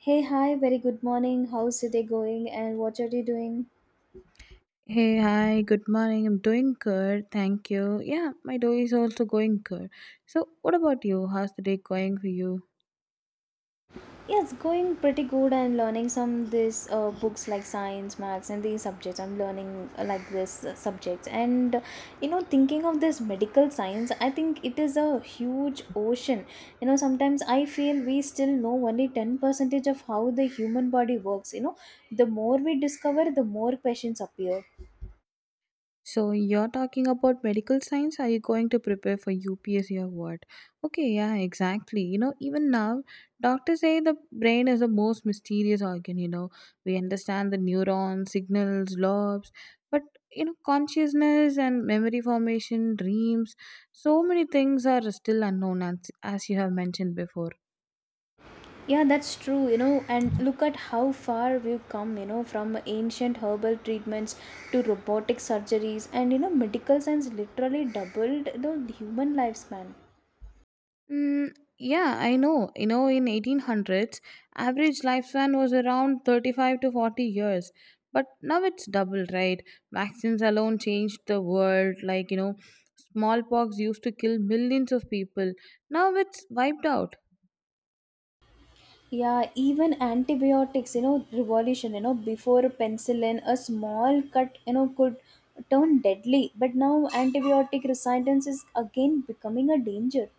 Hey, hi, very good morning. How's the day going and what are you doing? Hey, hi, good morning. I'm doing good. Thank you. Yeah, my day is also going good. So, what about you? How's the day going for you? Yeah, it's going pretty good and learning some this books like science, maths, and these subjects. I'm learning like this subjects, and thinking of this medical science, I think it is a huge ocean. Sometimes I feel we still know only 10 percentage of how the human body works. The more we discover, the more questions appear. So, you're talking about medical science. Are you going to prepare for UPSC or what? Okay, yeah, exactly. You know, even now, doctors say the brain is the most mysterious organ. You know, we understand the neurons, signals, lobes, but you know, consciousness and memory formation, dreams, so many things are still unknown, as you have mentioned before. Yeah, that's true, and look at how far we've come, from ancient herbal treatments to robotic surgeries, and medical science literally doubled the human lifespan. Mm, yeah, I know. You know, in 1800s, average lifespan was around 35 to 40 years. But now it's double, right? Vaccines alone changed the world. Like, you know, smallpox used to kill millions of people. Now it's wiped out. Yeah, even antibiotics, revolution, before penicillin, a small cut, could turn deadly, but now antibiotic resistance is again becoming a danger.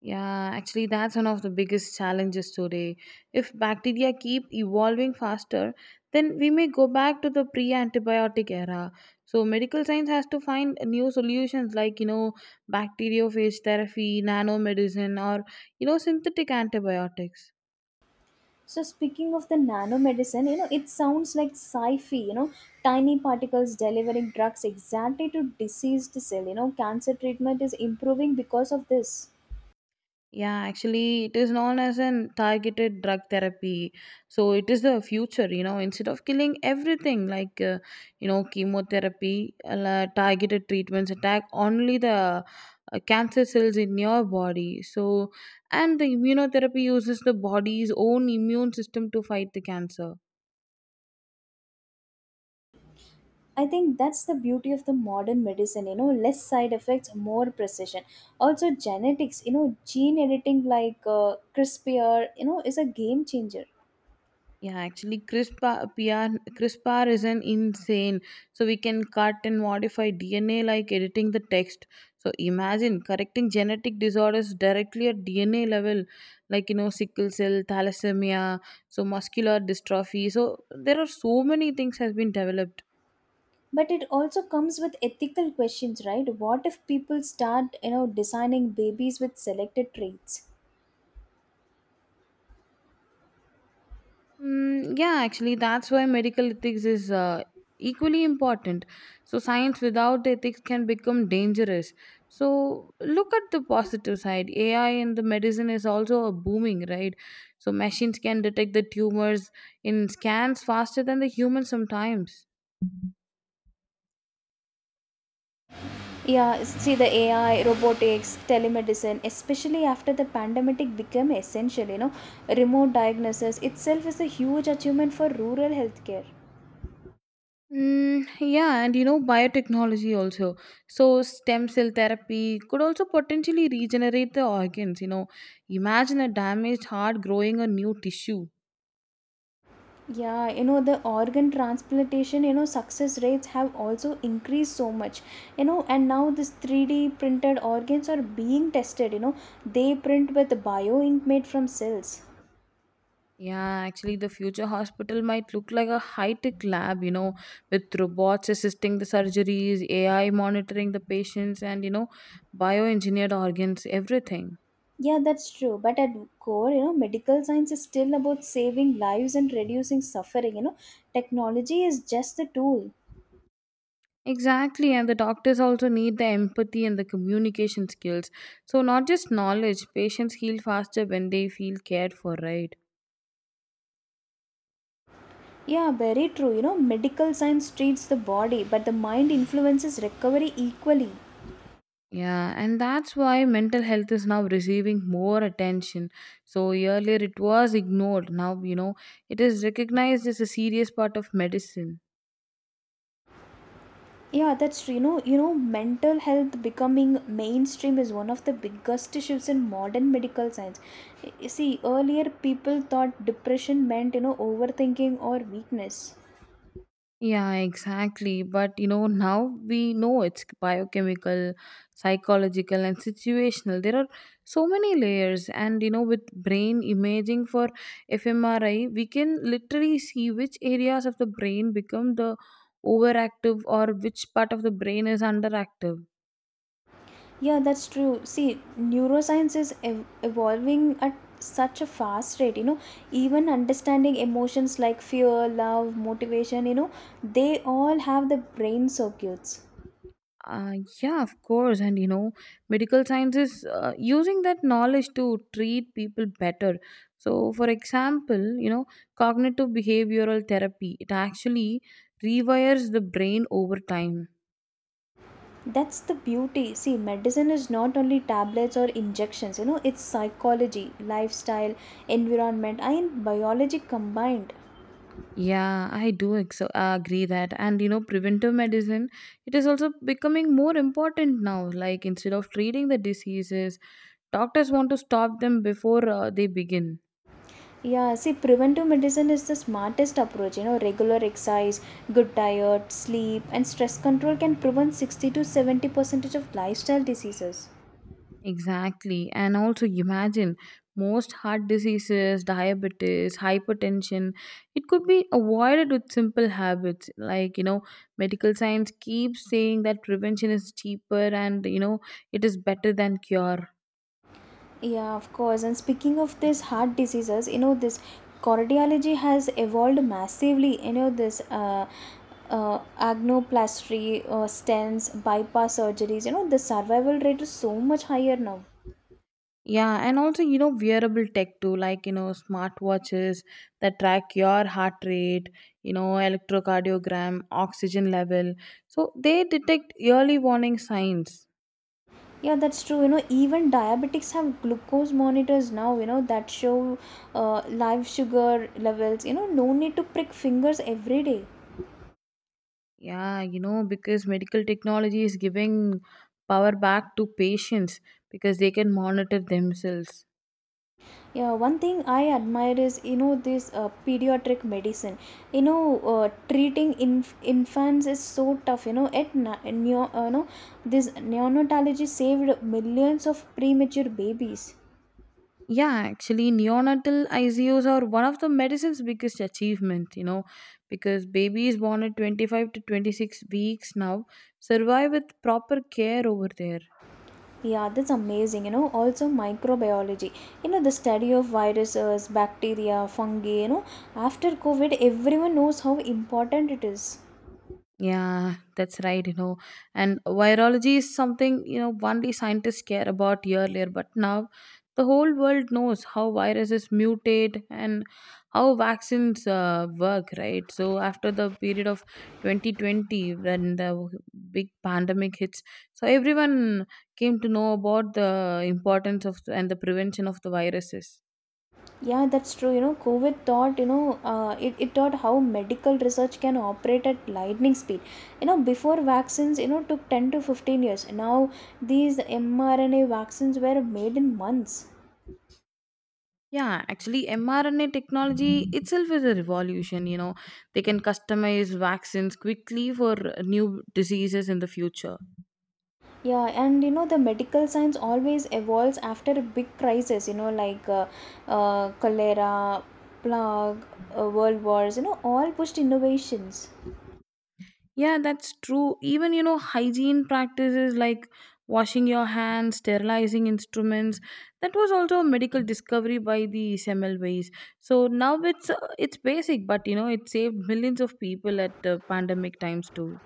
Yeah, actually, that's one of the biggest challenges today. If bacteria keep evolving faster, then we may go back to the pre antibiotic era. So, medical science has to find new solutions like, you know, bacteriophage therapy, nanomedicine, or, you know, synthetic antibiotics. So speaking of the nanomedicine, it sounds like sci-fi, tiny particles delivering drugs exactly to diseased cell, cancer treatment is improving because of this. Yeah, actually, it is known as an targeted drug therapy. So it is the future, you know, instead of killing everything like, you know, chemotherapy, targeted treatments attack only the cancer cells in your body. So, and the immunotherapy uses the body's own immune system to fight the cancer. I think that's the beauty of the modern medicine, less side effects, more precision. Also genetics, gene editing like CRISPR, is a game changer. Yeah, actually, CRISPR, CRISPR is an insane. So we can cut and modify DNA like editing the text. So imagine correcting genetic disorders directly at DNA level, like you know sickle cell, thalassemia, so muscular dystrophy. So there are so many things has been developed. But it also comes with ethical questions, right? What if people start, designing babies with selected traits? Mm, yeah, actually, that's why medical ethics is equally important. So, science without ethics can become dangerous. So, look at the positive side. AI in the medicine is also a booming, right? So, machines can detect the tumors in scans faster than the humans sometimes. Yeah, see the AI, robotics, telemedicine, especially after the pandemic became essential, remote diagnosis itself is a huge achievement for rural healthcare. Mm, yeah, and you know, biotechnology also. So, stem cell therapy could also potentially regenerate the organs. You know, imagine a damaged heart growing a new tissue. Yeah, the organ transplantation, success rates have also increased so much, and now this 3D printed organs are being tested, they print with bio ink made from cells. Yeah, actually, the future hospital might look like a high tech lab, you know, with robots assisting the surgeries, AI monitoring the patients, and, you know, bioengineered organs, everything. Yeah, that's true. But at core, medical science is still about saving lives and reducing suffering. Technology is just the tool. Exactly, and the doctors also need the empathy and the communication skills. So, not just knowledge, patients heal faster when they feel cared for, right? Yeah, very true. Medical science treats the body, but the mind influences recovery equally. Yeah, and that's why mental health is now receiving more attention. So, earlier it was ignored. Now, you know, it is recognized as a serious part of medicine. Yeah, that's true. Mental health becoming mainstream is one of the biggest issues in modern medical science. You see, earlier people thought depression meant, overthinking or weakness. Yeah, exactly. But, you know, now we know it's biochemical, psychological, and situational. There are so many layers. And, you know, with brain imaging for fMRI, we can literally see which areas of the brain become the overactive or which part of the brain is underactive. Yeah, that's true. See, evolving at such a fast rate, even understanding emotions like fear, love, motivation, they all have the brain circuits. Uh, yeah, of course. And you know, medical science is using that knowledge to treat people better. So, for example, you know, cognitive behavioral therapy, it actually rewires the brain over time. That's the beauty. See, medicine is not only tablets or injections, it's psychology, lifestyle, environment, and biology combined. Yeah, I agree that. And you know, preventive medicine, it is also becoming more important now. Like, instead of treating the diseases, doctors want to stop them before they begin. Yeah, see, preventive medicine is the smartest approach. Regular exercise, good diet, sleep, and stress control can prevent 60 to 70 percentage of lifestyle diseases. Exactly. And also imagine most heart diseases, diabetes, hypertension, it could be avoided with simple habits. Like, you know, medical science keeps saying that prevention is cheaper and, you know, it is better than cure. Yeah, of course. And speaking of this heart diseases, this cardiology has evolved massively. This agnoplasty, stents, bypass surgeries, the survival rate is so much higher now. Yeah, and also, you know, wearable tech too, like, you know, smartwatches that track your heart rate, you know, electrocardiogram, oxygen level. So they detect early warning signs. Yeah, that's true. Even diabetics have glucose monitors now, that show live sugar levels. No need to prick fingers every day. Yeah, you know, because medical technology is giving power back to patients because they can monitor themselves. Yeah, one thing I admire is, this pediatric medicine. Treating infants is so tough. You know, at na- neo- no, this neonatology saved millions of premature babies. Yeah, actually, neonatal ICU's are one of the medicine's biggest achievement, you know, because babies born at 25 to 26 weeks now survive with proper care over there. Yeah, that's amazing. Also microbiology. The study of viruses, bacteria, fungi. After COVID, everyone knows how important it is. Yeah, that's right, you know. And virology is something, you know, only scientists care about earlier, but now the whole world knows how viruses mutate and how vaccines work, right? So after the period of 2020, when the big pandemic hits, so everyone came to know about the importance of and the prevention of the viruses. Yeah, that's true. COVID taught, it taught how medical research can operate at lightning speed. Before vaccines, took 10 to 15 years. Now, these mRNA vaccines were made in months. Yeah, actually, mRNA technology itself is a revolution. You know, they can customize vaccines quickly for new diseases in the future. Yeah, and the medical science always evolves after a big crisis, like cholera, plague, world wars, all pushed innovations. Yeah, that's true. Even, you know, hygiene practices like washing your hands, sterilizing instruments, that was also a medical discovery by the Semmelweis. So now it's basic, but you know, it saved millions of people at pandemic times too.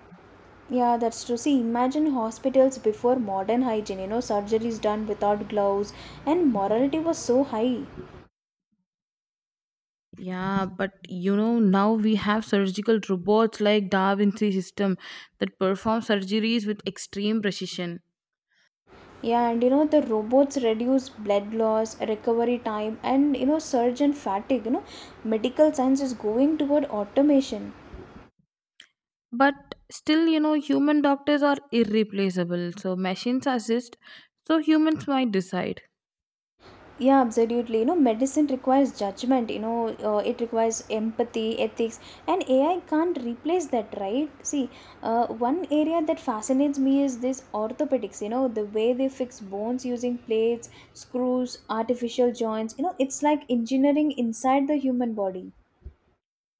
Yeah, that's true. See, imagine hospitals before modern hygiene, surgeries done without gloves, and morality was so high. Yeah, but you know, now we have surgical robots like Da Vinci system that perform surgeries with extreme precision. Yeah, and the robots reduce blood loss, recovery time, and surgeon fatigue. Medical science is going toward automation. But still, you know, human doctors are irreplaceable. So machines assist, so humans might decide. Yeah, absolutely. Medicine requires judgment, it requires empathy, ethics, and AI can't replace that, right? See, one area that fascinates me is this orthopedics, the way they fix bones using plates, screws, artificial joints. It's like engineering inside the human body.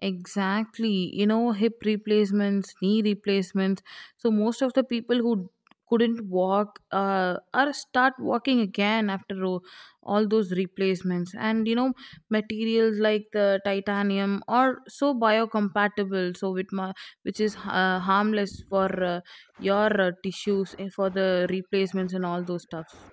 Exactly. You know, hip replacements, knee replacements. So most of the people who couldn't walk are start walking again after all those replacements. And you know, materials like the titanium are so biocompatible, so with my, which is harmless for your tissues and for the replacements and all those stuffs.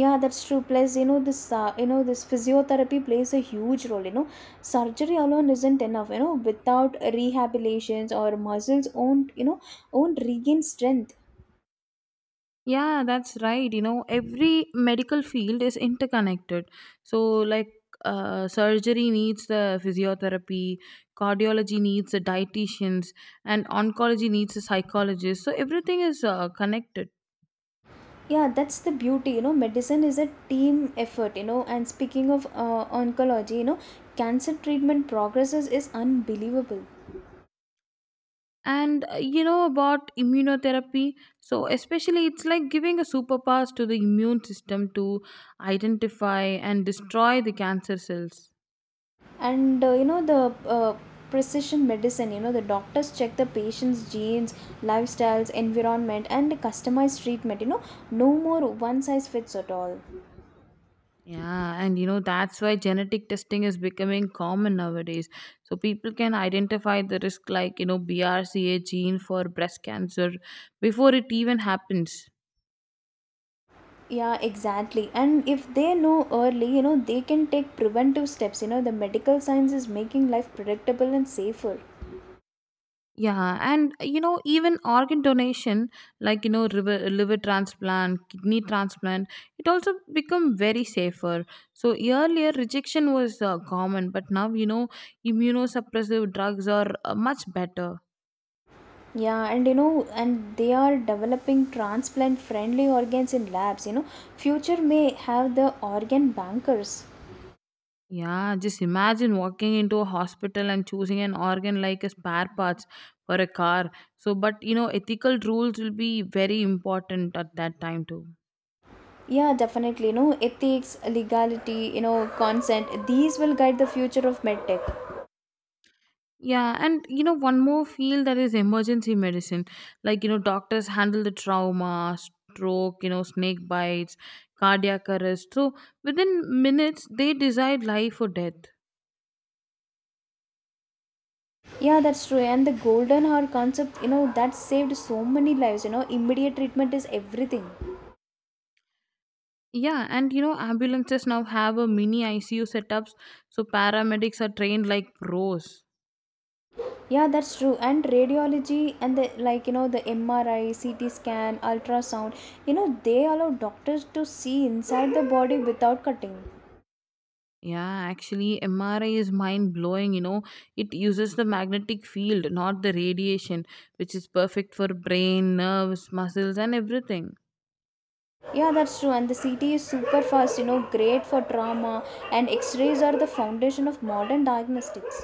Yeah, that's true. Plus, this this physiotherapy plays a huge role. Surgery alone isn't enough, without rehabilitations or muscles won't, won't regain strength. Yeah, that's right. You know, every medical field is interconnected. So, like, surgery needs the physiotherapy, cardiology needs the dietitians, and oncology needs the psychologist. So, everything is connected. Yeah, that's the beauty. Medicine is a team effort. And speaking of oncology, cancer treatment progresses is unbelievable. And you know about immunotherapy. So, especially, it's like giving a superpowers to the immune system to identify and destroy the cancer cells. And the precision medicine. The doctors check the patient's genes, lifestyles, environment, and customized treatment. No more one size fits at all. Yeah, and you know, that's why genetic testing is becoming common nowadays. So people can identify the risk, like, you know, BRCA gene for breast cancer before it even happens. Yeah, exactly. And if they know early, they can take preventive steps. The medical science is making life predictable and safer. Yeah, and you know, even organ donation, like, you know, liver, liver transplant, kidney transplant, it also become very safer. So earlier rejection was common, but now, you know, immunosuppressive drugs are much better. Yeah, and you know and they are developing transplant friendly organs in labs. Future may have the organ bankers. Yeah, just imagine walking into a hospital and choosing an organ like a spare parts for a car. So, but you know, ethical rules will be very important at that time too. Yeah, definitely. No ethics, legality, consent. These will guide the future of medtech. Yeah, and you know, one more field that is emergency medicine. Like, you know, doctors handle the trauma, stroke, you know, snake bites, cardiac arrest. So, within minutes, they decide life or death. Yeah, that's true. And the golden hour concept, that saved so many lives. Immediate treatment is everything. Yeah, and you know, ambulances now have a mini ICU setups, so paramedics are trained like pros. Yeah, that's true. And radiology and the like, the MRI, CT scan, ultrasound. They allow doctors to see inside the body without cutting. Yeah, actually, MRI is mind blowing. You know, it uses the magnetic field, not the radiation, which is perfect for brain, nerves, muscles, and everything. Yeah, that's true. And the CT is super fast. Great for trauma. And X-rays are the foundation of modern diagnostics.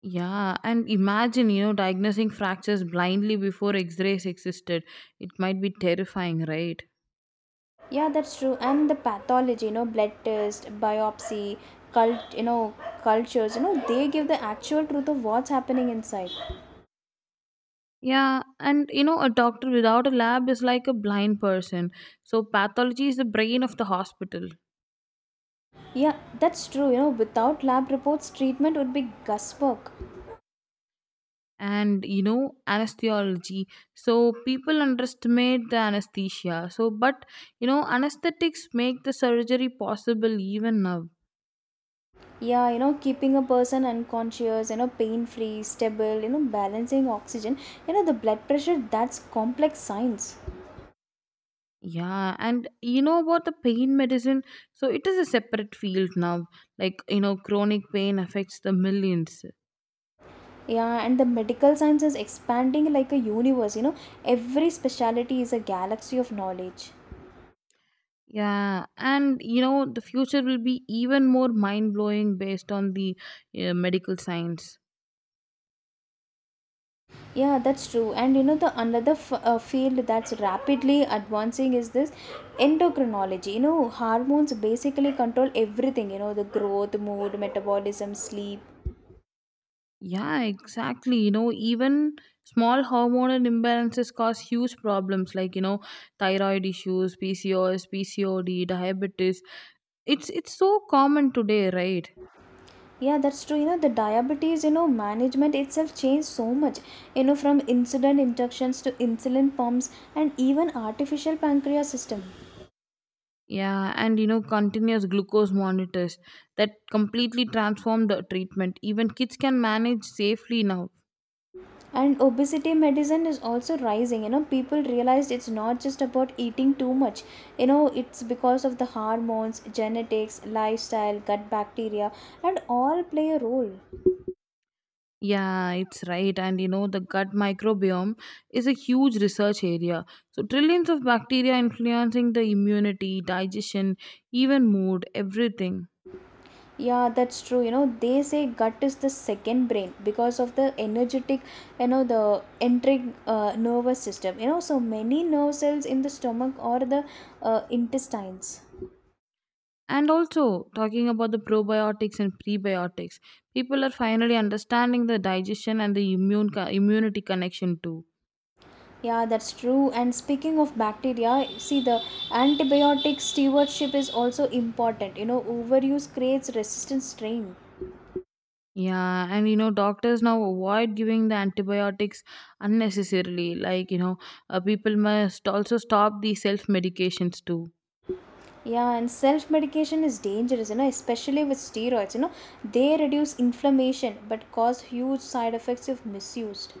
Yeah, and imagine, you know, diagnosing fractures blindly before x rays existed. It might be terrifying, right? Yeah, that's true. And the pathology, blood test, biopsy, cult you know cultures, they give the actual truth of what's happening inside. Yeah, and you know, a doctor without a lab is like a blind person. So, pathology is the brain of the hospital. Yeah, that's true. Without lab reports treatment would be guesswork. And you know anesthesiology, so people underestimate the anesthesia, so but you know anesthetics make the surgery possible even now. Yeah, keeping a person unconscious, pain free, stable, balancing oxygen, the blood pressure, that's complex science. Yeah and you know about the pain medicine, so it is a separate field now, like you know chronic pain affects the millions. Yeah, and the medical science is expanding like a universe. Every specialty is a galaxy of knowledge. Yeah and you know the future will be even more mind blowing based on the medical science. Yeah, that's true. And the another field that's rapidly advancing is this endocrinology. Hormones basically control everything, the growth, mood, metabolism, sleep. Yeah, exactly. You know, even small hormonal imbalances cause huge problems like, you know, thyroid issues, PCOS, PCOD, diabetes. It's so common today, right? Yeah, that's true. The diabetes, management itself changed so much, from insulin injections to insulin pumps and even artificial pancreas system. Yeah, and you know, continuous glucose monitors that completely transform the treatment. Even kids can manage safely now. And obesity medicine is also rising. People realized it's not just about eating too much. It's because of the hormones, genetics, lifestyle, gut bacteria, and all play a role. Yeah, it's right. And you know, the gut microbiome is a huge research area. So, trillions of bacteria influencing the immunity, digestion, even mood, everything. Yeah, that's true. They say gut is the second brain because of the energetic, the entering nervous system. So many nerve cells in the stomach or the intestines. And also, talking about the probiotics and prebiotics, people are finally understanding the digestion and the immunity connection too. Yeah, that's true. And speaking of bacteria, see the antibiotic stewardship is also important. Overuse creates resistant strain. Yeah, and you know, doctors now avoid giving the antibiotics unnecessarily. Like, you know, people must also stop the self medications too. Yeah, and self medication is dangerous, especially with steroids. They reduce inflammation but cause huge side effects if misused.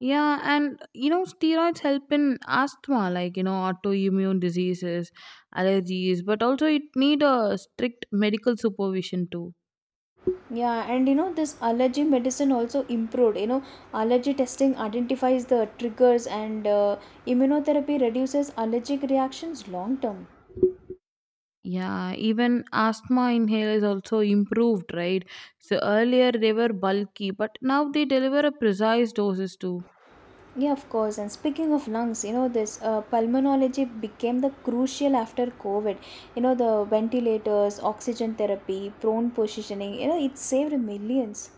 Yeah, and you know, steroids help in asthma, like you know, autoimmune diseases, allergies, but also it need a strict medical supervision too. Yeah, and this allergy medicine also improved. Allergy testing identifies the triggers, and immunotherapy reduces allergic reactions long term. Yeah, even asthma inhalers also improved, right? So earlier they were bulky, but now they deliver a precise doses too. Yeah, of course. And speaking of lungs, this pulmonology became the crucial after COVID. The ventilators, oxygen therapy, prone positioning, it saved millions.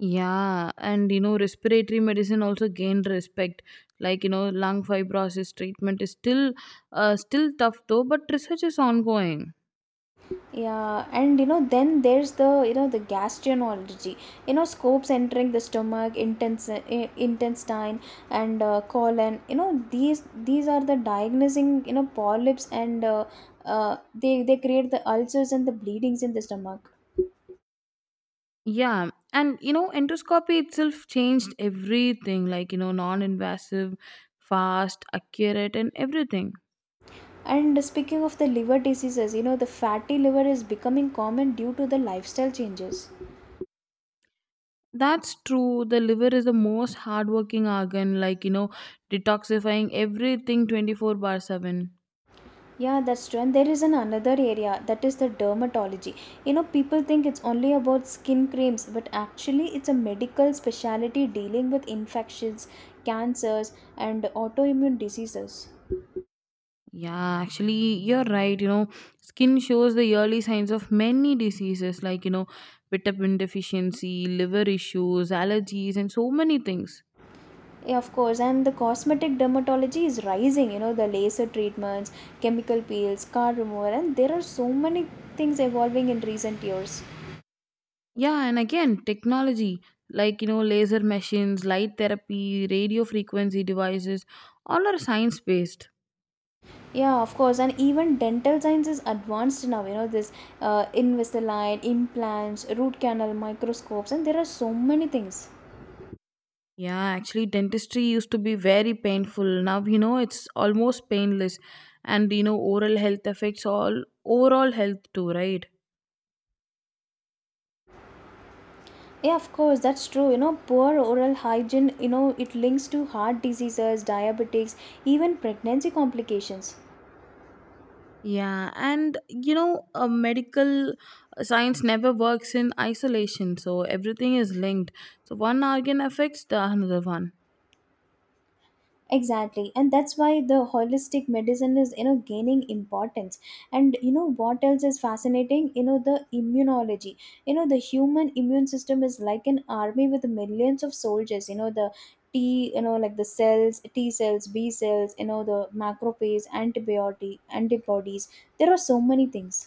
Yeah, and you know, respiratory medicine also gained respect. Like you know, lung fibrosis treatment is still tough though, but research is ongoing. Yeah, and then there's the the gastroenterology. Scopes entering the stomach, intestine, and colon. These are the diagnosing, polyps, and they create the ulcers and the bleedings in the stomach. Yeah, and you know, endoscopy itself changed everything like, you know, non invasive, fast, accurate, and everything. And speaking of the liver diseases, the fatty liver is becoming common due to the lifestyle changes. That's true. The liver is the most hardworking organ, like, you know, detoxifying everything 24/7. Yeah, that's true. And there is an another area that is the dermatology. People think it's only about skin creams, but actually, it's a medical specialty dealing with infections, cancers, and autoimmune diseases. Yeah, actually, you're right. You know, skin shows the early signs of many diseases like, you know, vitamin deficiency, liver issues, allergies, and so many things. Yeah, of course, and the cosmetic dermatology is rising. The laser treatments, chemical peels, car removal, and there are so many things evolving in recent years. Yeah, and again, technology like you know, laser machines, light therapy, radio frequency devices, all are science based. Yeah, of course, and even dental science is advanced now. This Invisalign, implants, root canal, microscopes, and there are so many things. Yeah, actually, dentistry used to be very painful. Now, you know, it's almost painless. And, you know, oral health affects all overall health too, right? Yeah, of course, that's true. Poor oral hygiene. It links to heart diseases, diabetics, even pregnancy complications. Yeah, and, you know, medical science never works in isolation. So everything is linked. So one organ affects the another one. Exactly, and that's why the holistic medicine is, you know, gaining importance. And you know what else is fascinating, you know, the immunology. You know, the human immune system is like an army with millions of soldiers, you know. The t You know, like the cells, T cells, B cells, you know, the macrophage, antibiotic, antibodies. There are so many things.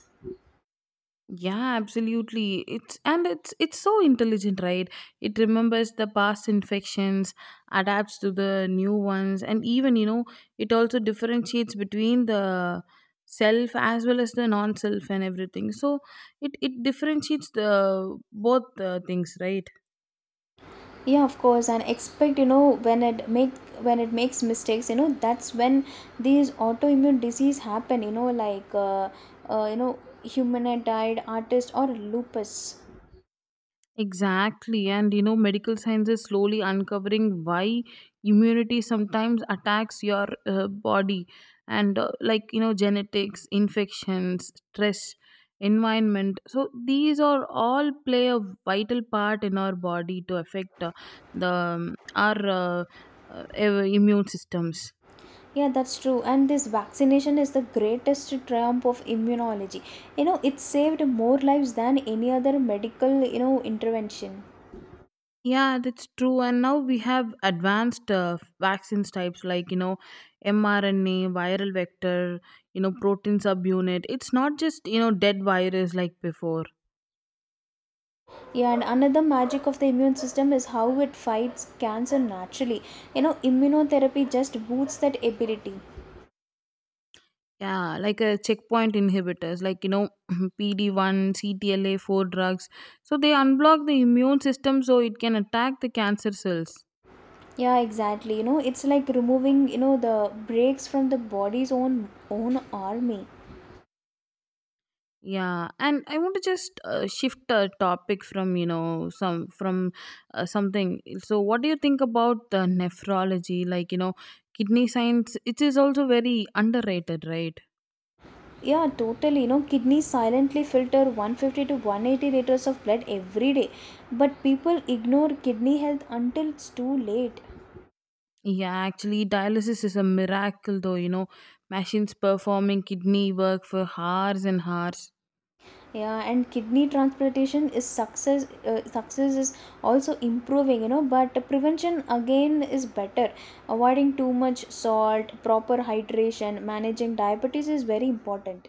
Yeah, absolutely. It's so intelligent, right? It remembers the past infections, adapts to the new ones, and even, you know, it also differentiates between the self as well as the non self and everything. So it differentiates the both things, right? Yeah, of course. And expect, you know, when it makes mistakes, you know, that's when these autoimmune disease happen, you know, like you know, humanoid artist or lupus. Exactly. And you know, medical science is slowly uncovering why immunity sometimes attacks your body. And like, you know, genetics, infections, stress, environment. So these are all play a vital part in our body to affect the our uh, immune systems. Yeah, that's true. And this vaccination is the greatest triumph of immunology. You know, it saved more lives than any other medical, you know, intervention. Yeah, that's true. And now we have advanced vaccines types like, you know, mRNA, viral vector, you know, protein subunit. It's not just, you know, dead virus like before. Yeah, and another magic of the immune system is how it fights cancer naturally. You know, immunotherapy just boosts that ability. Yeah, like a checkpoint inhibitors, like, you know, PD1, CTLA4 drugs. So they unblock the immune system so it can attack the cancer cells. Yeah, exactly. You know, it's like removing, you know, the brakes from the body's own army. Yeah, and I want to just shift a topic from you know some from something. So, what do you think about the nephrology? Like you know, kidney science. It is also very underrated, right? Yeah, totally. You know, kidneys silently filter 150 to 180 liters of blood every day. But people ignore kidney health until it's too late. Yeah, actually, dialysis is a miracle, though. You know, machines performing kidney work for hours and hours. Yeah, and kidney transplantation is success is also improving, you know, but prevention again is better. Avoiding too much salt, proper hydration, managing diabetes is very important.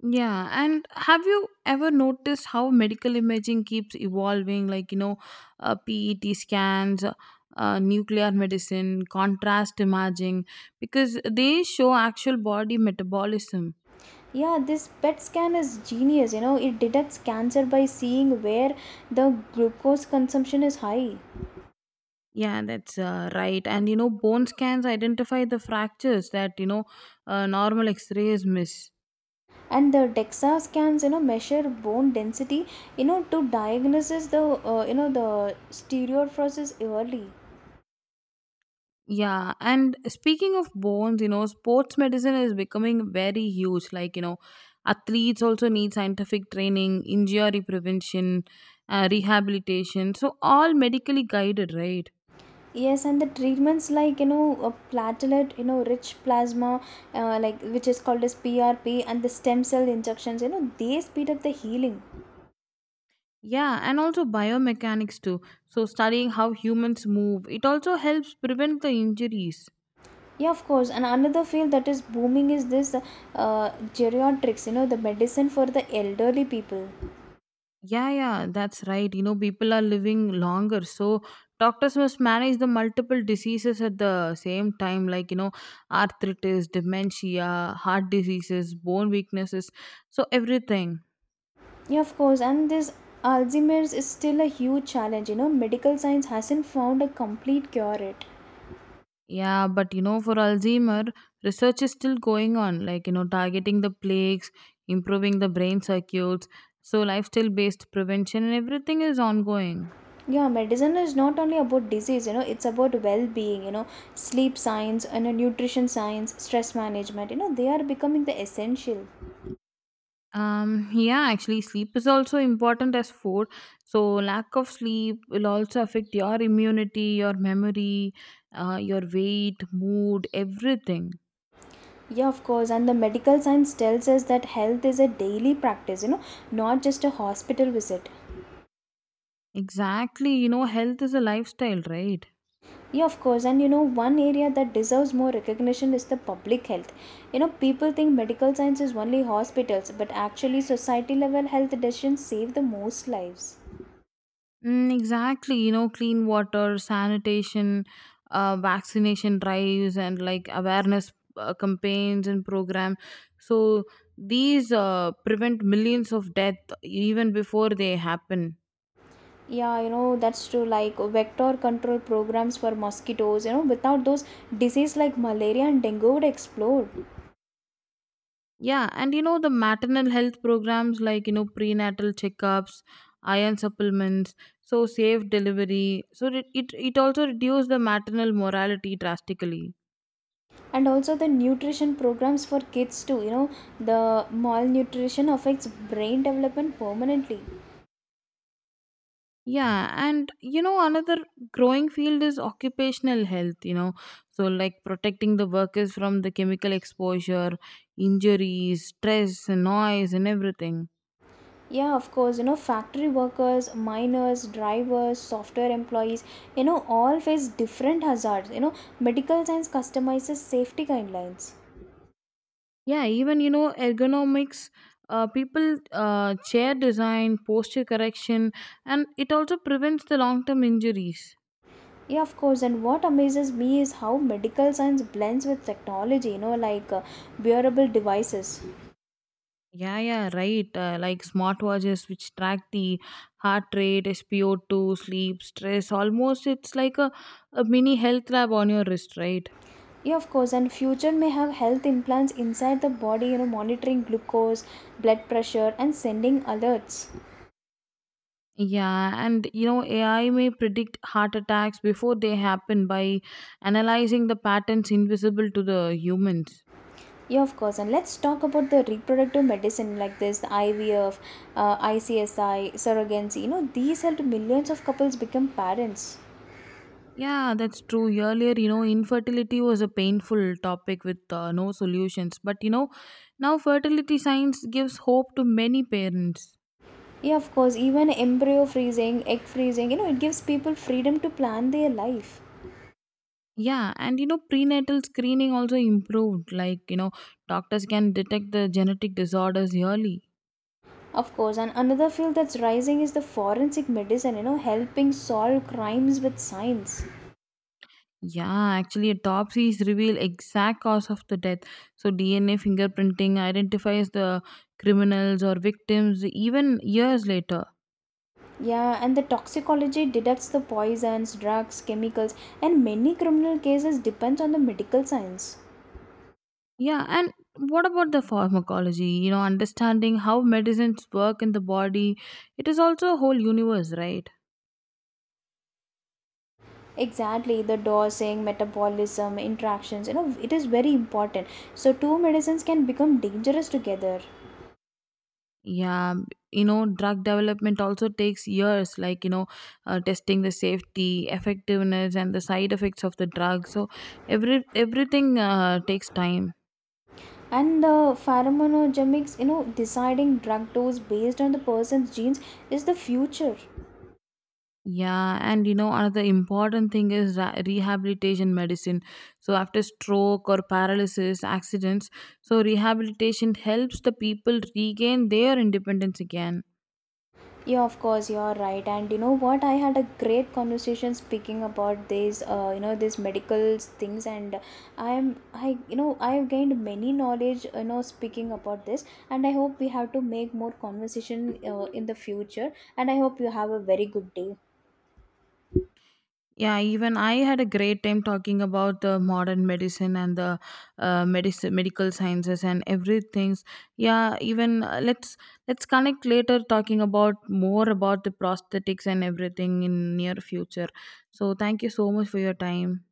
Yeah, and have you ever noticed how medical imaging keeps evolving? Like, you know, PET scans, nuclear medicine, contrast imaging, because they show actual body metabolism. Yeah, this PET scan is genius. You know, it detects cancer by seeing where the glucose consumption is high. Yeah, that's right. And, you know, bone scans identify the fractures that, you know, normal x rays miss. And the DEXA scans, you know, measure bone density, you know, to diagnose the, you know, the stereophrosis early. Yeah, and speaking of bones, you know, sports medicine is becoming very huge. Like, you know, athletes also need scientific training, injury prevention, rehabilitation. So, all medically guided, right? Yes, and the treatments like, you know, a platelet, you know, rich plasma, like which is called as PRP, and the stem cell injections, you know, they speed up the healing. Yeah, and also biomechanics too. So, studying how humans move, it also helps prevent the injuries. Yeah, of course. And another field that is booming is this geriatrics, you know, the medicine for the elderly people. Yeah, yeah, that's right. You know, people are living longer. So doctors must manage the multiple diseases at the same time, like, you know, arthritis, dementia, heart diseases, bone weaknesses. So everything. Yeah, of course. And this Alzheimer's is still a huge challenge, you know, medical science hasn't found a complete cure yet. Yeah, but you know, for Alzheimer, research is still going on, like, you know, targeting the plaques, improving the brain circuits. So lifestyle based prevention and everything is ongoing. Yeah, medicine is not only about disease, you know, it's about well being, you know, sleep science, and you nutrition science, stress management, you know, they are becoming the essential. Yeah, actually, sleep is also important as food. So, lack of sleep will also affect your immunity, your memory, your weight, mood, everything. Yeah, of course. And the medical science tells us that health is a daily practice, you know, not just a hospital visit. Exactly. You know, health is a lifestyle, right? Yeah, of course. And you know, one area that deserves more recognition is the public health. You know, people think medical science is only hospitals, but actually, society level health decisions save the most lives. Mm, exactly. You know, clean water, sanitation, vaccination drives, and like awareness campaigns and program. So, these prevent millions of death even before they happen. Yeah, you know, that's true. Like vector control programs for mosquitoes, you know, without those, disease like malaria and dengue would explode. Yeah, and you know, the maternal health programs like, you know, prenatal checkups, iron supplements, so safe delivery. So it also reduced the maternal mortality drastically. And also, the nutrition programs for kids, too. You know, the malnutrition affects brain development permanently. Yeah, and you know, another growing field is occupational health, you know, so like protecting the workers from the chemical exposure, injuries, stress, and noise, and everything. Yeah, of course, you know, factory workers, miners, drivers, software employees, you know, all face different hazards. You know, medical science customizes safety guidelines. Yeah, even you know ergonomics, people chair design, posture correction, and it also prevents the long-term injuries. Yeah, of course, and what amazes me is how medical science blends with technology, you know, like wearable devices. Yeah, yeah, right. Like smartwatches which track the heart rate, SpO2, sleep, stress. Almost, it's like a mini health lab on your wrist, right? Yeah, of course, and future may have health implants inside the body, you know, monitoring glucose, blood pressure, and sending alerts. Yeah, and you know, AI may predict heart attacks before they happen by analyzing the patterns invisible to the humans. Yeah, of course. And let's talk about the reproductive medicine like this, the IVF, ICSI, surrogacy. You know, these helped millions of couples become parents. Yeah, that's true. Earlier, you know, infertility was a painful topic with no solutions. But, you know, now fertility science gives hope to many parents. Yeah, of course. Even embryo freezing, egg freezing, you know, it gives people freedom to plan their life. Yeah, and you know, prenatal screening also improved. Like, you know, doctors can detect the genetic disorders early. Of course. And another field that's rising is the forensic medicine, you know, helping solve crimes with science. Yeah, actually, autopsies reveal exact cause of the death. So, DNA fingerprinting identifies the criminals or victims even years later. Yeah, and the toxicology detects the poisons, drugs, chemicals, and many criminal cases depends on the medical science. Yeah, and what about the pharmacology? You know, understanding how medicines work in the body, it is also a whole universe, right? Exactly, the dosing, metabolism, interactions, you know, it is very important. So, two medicines can become dangerous together. Yeah, you know, drug development also takes years, like, you know, testing the safety, effectiveness, and the side effects of the drug. So, everything takes time. And the pharmacogenomics, you know, deciding drug dose based on the person's genes is the future. Yeah, and you know, another important thing is rehabilitation medicine. So, after stroke or paralysis, accidents, so rehabilitation helps the people regain their independence again. Yeah, of course, you're right. And you know what? I had a great conversation speaking about these, you know, these medical things, and you know, I have gained many knowledge, you know, speaking about this. And I hope we have to make more conversation in the future. And I hope you have a very good day. Yeah, even I had a great time talking about the modern medicine and the medical sciences and everything. Yeah, even let's connect later talking about more about the prosthetics and everything in near future. So, thank you so much for your time.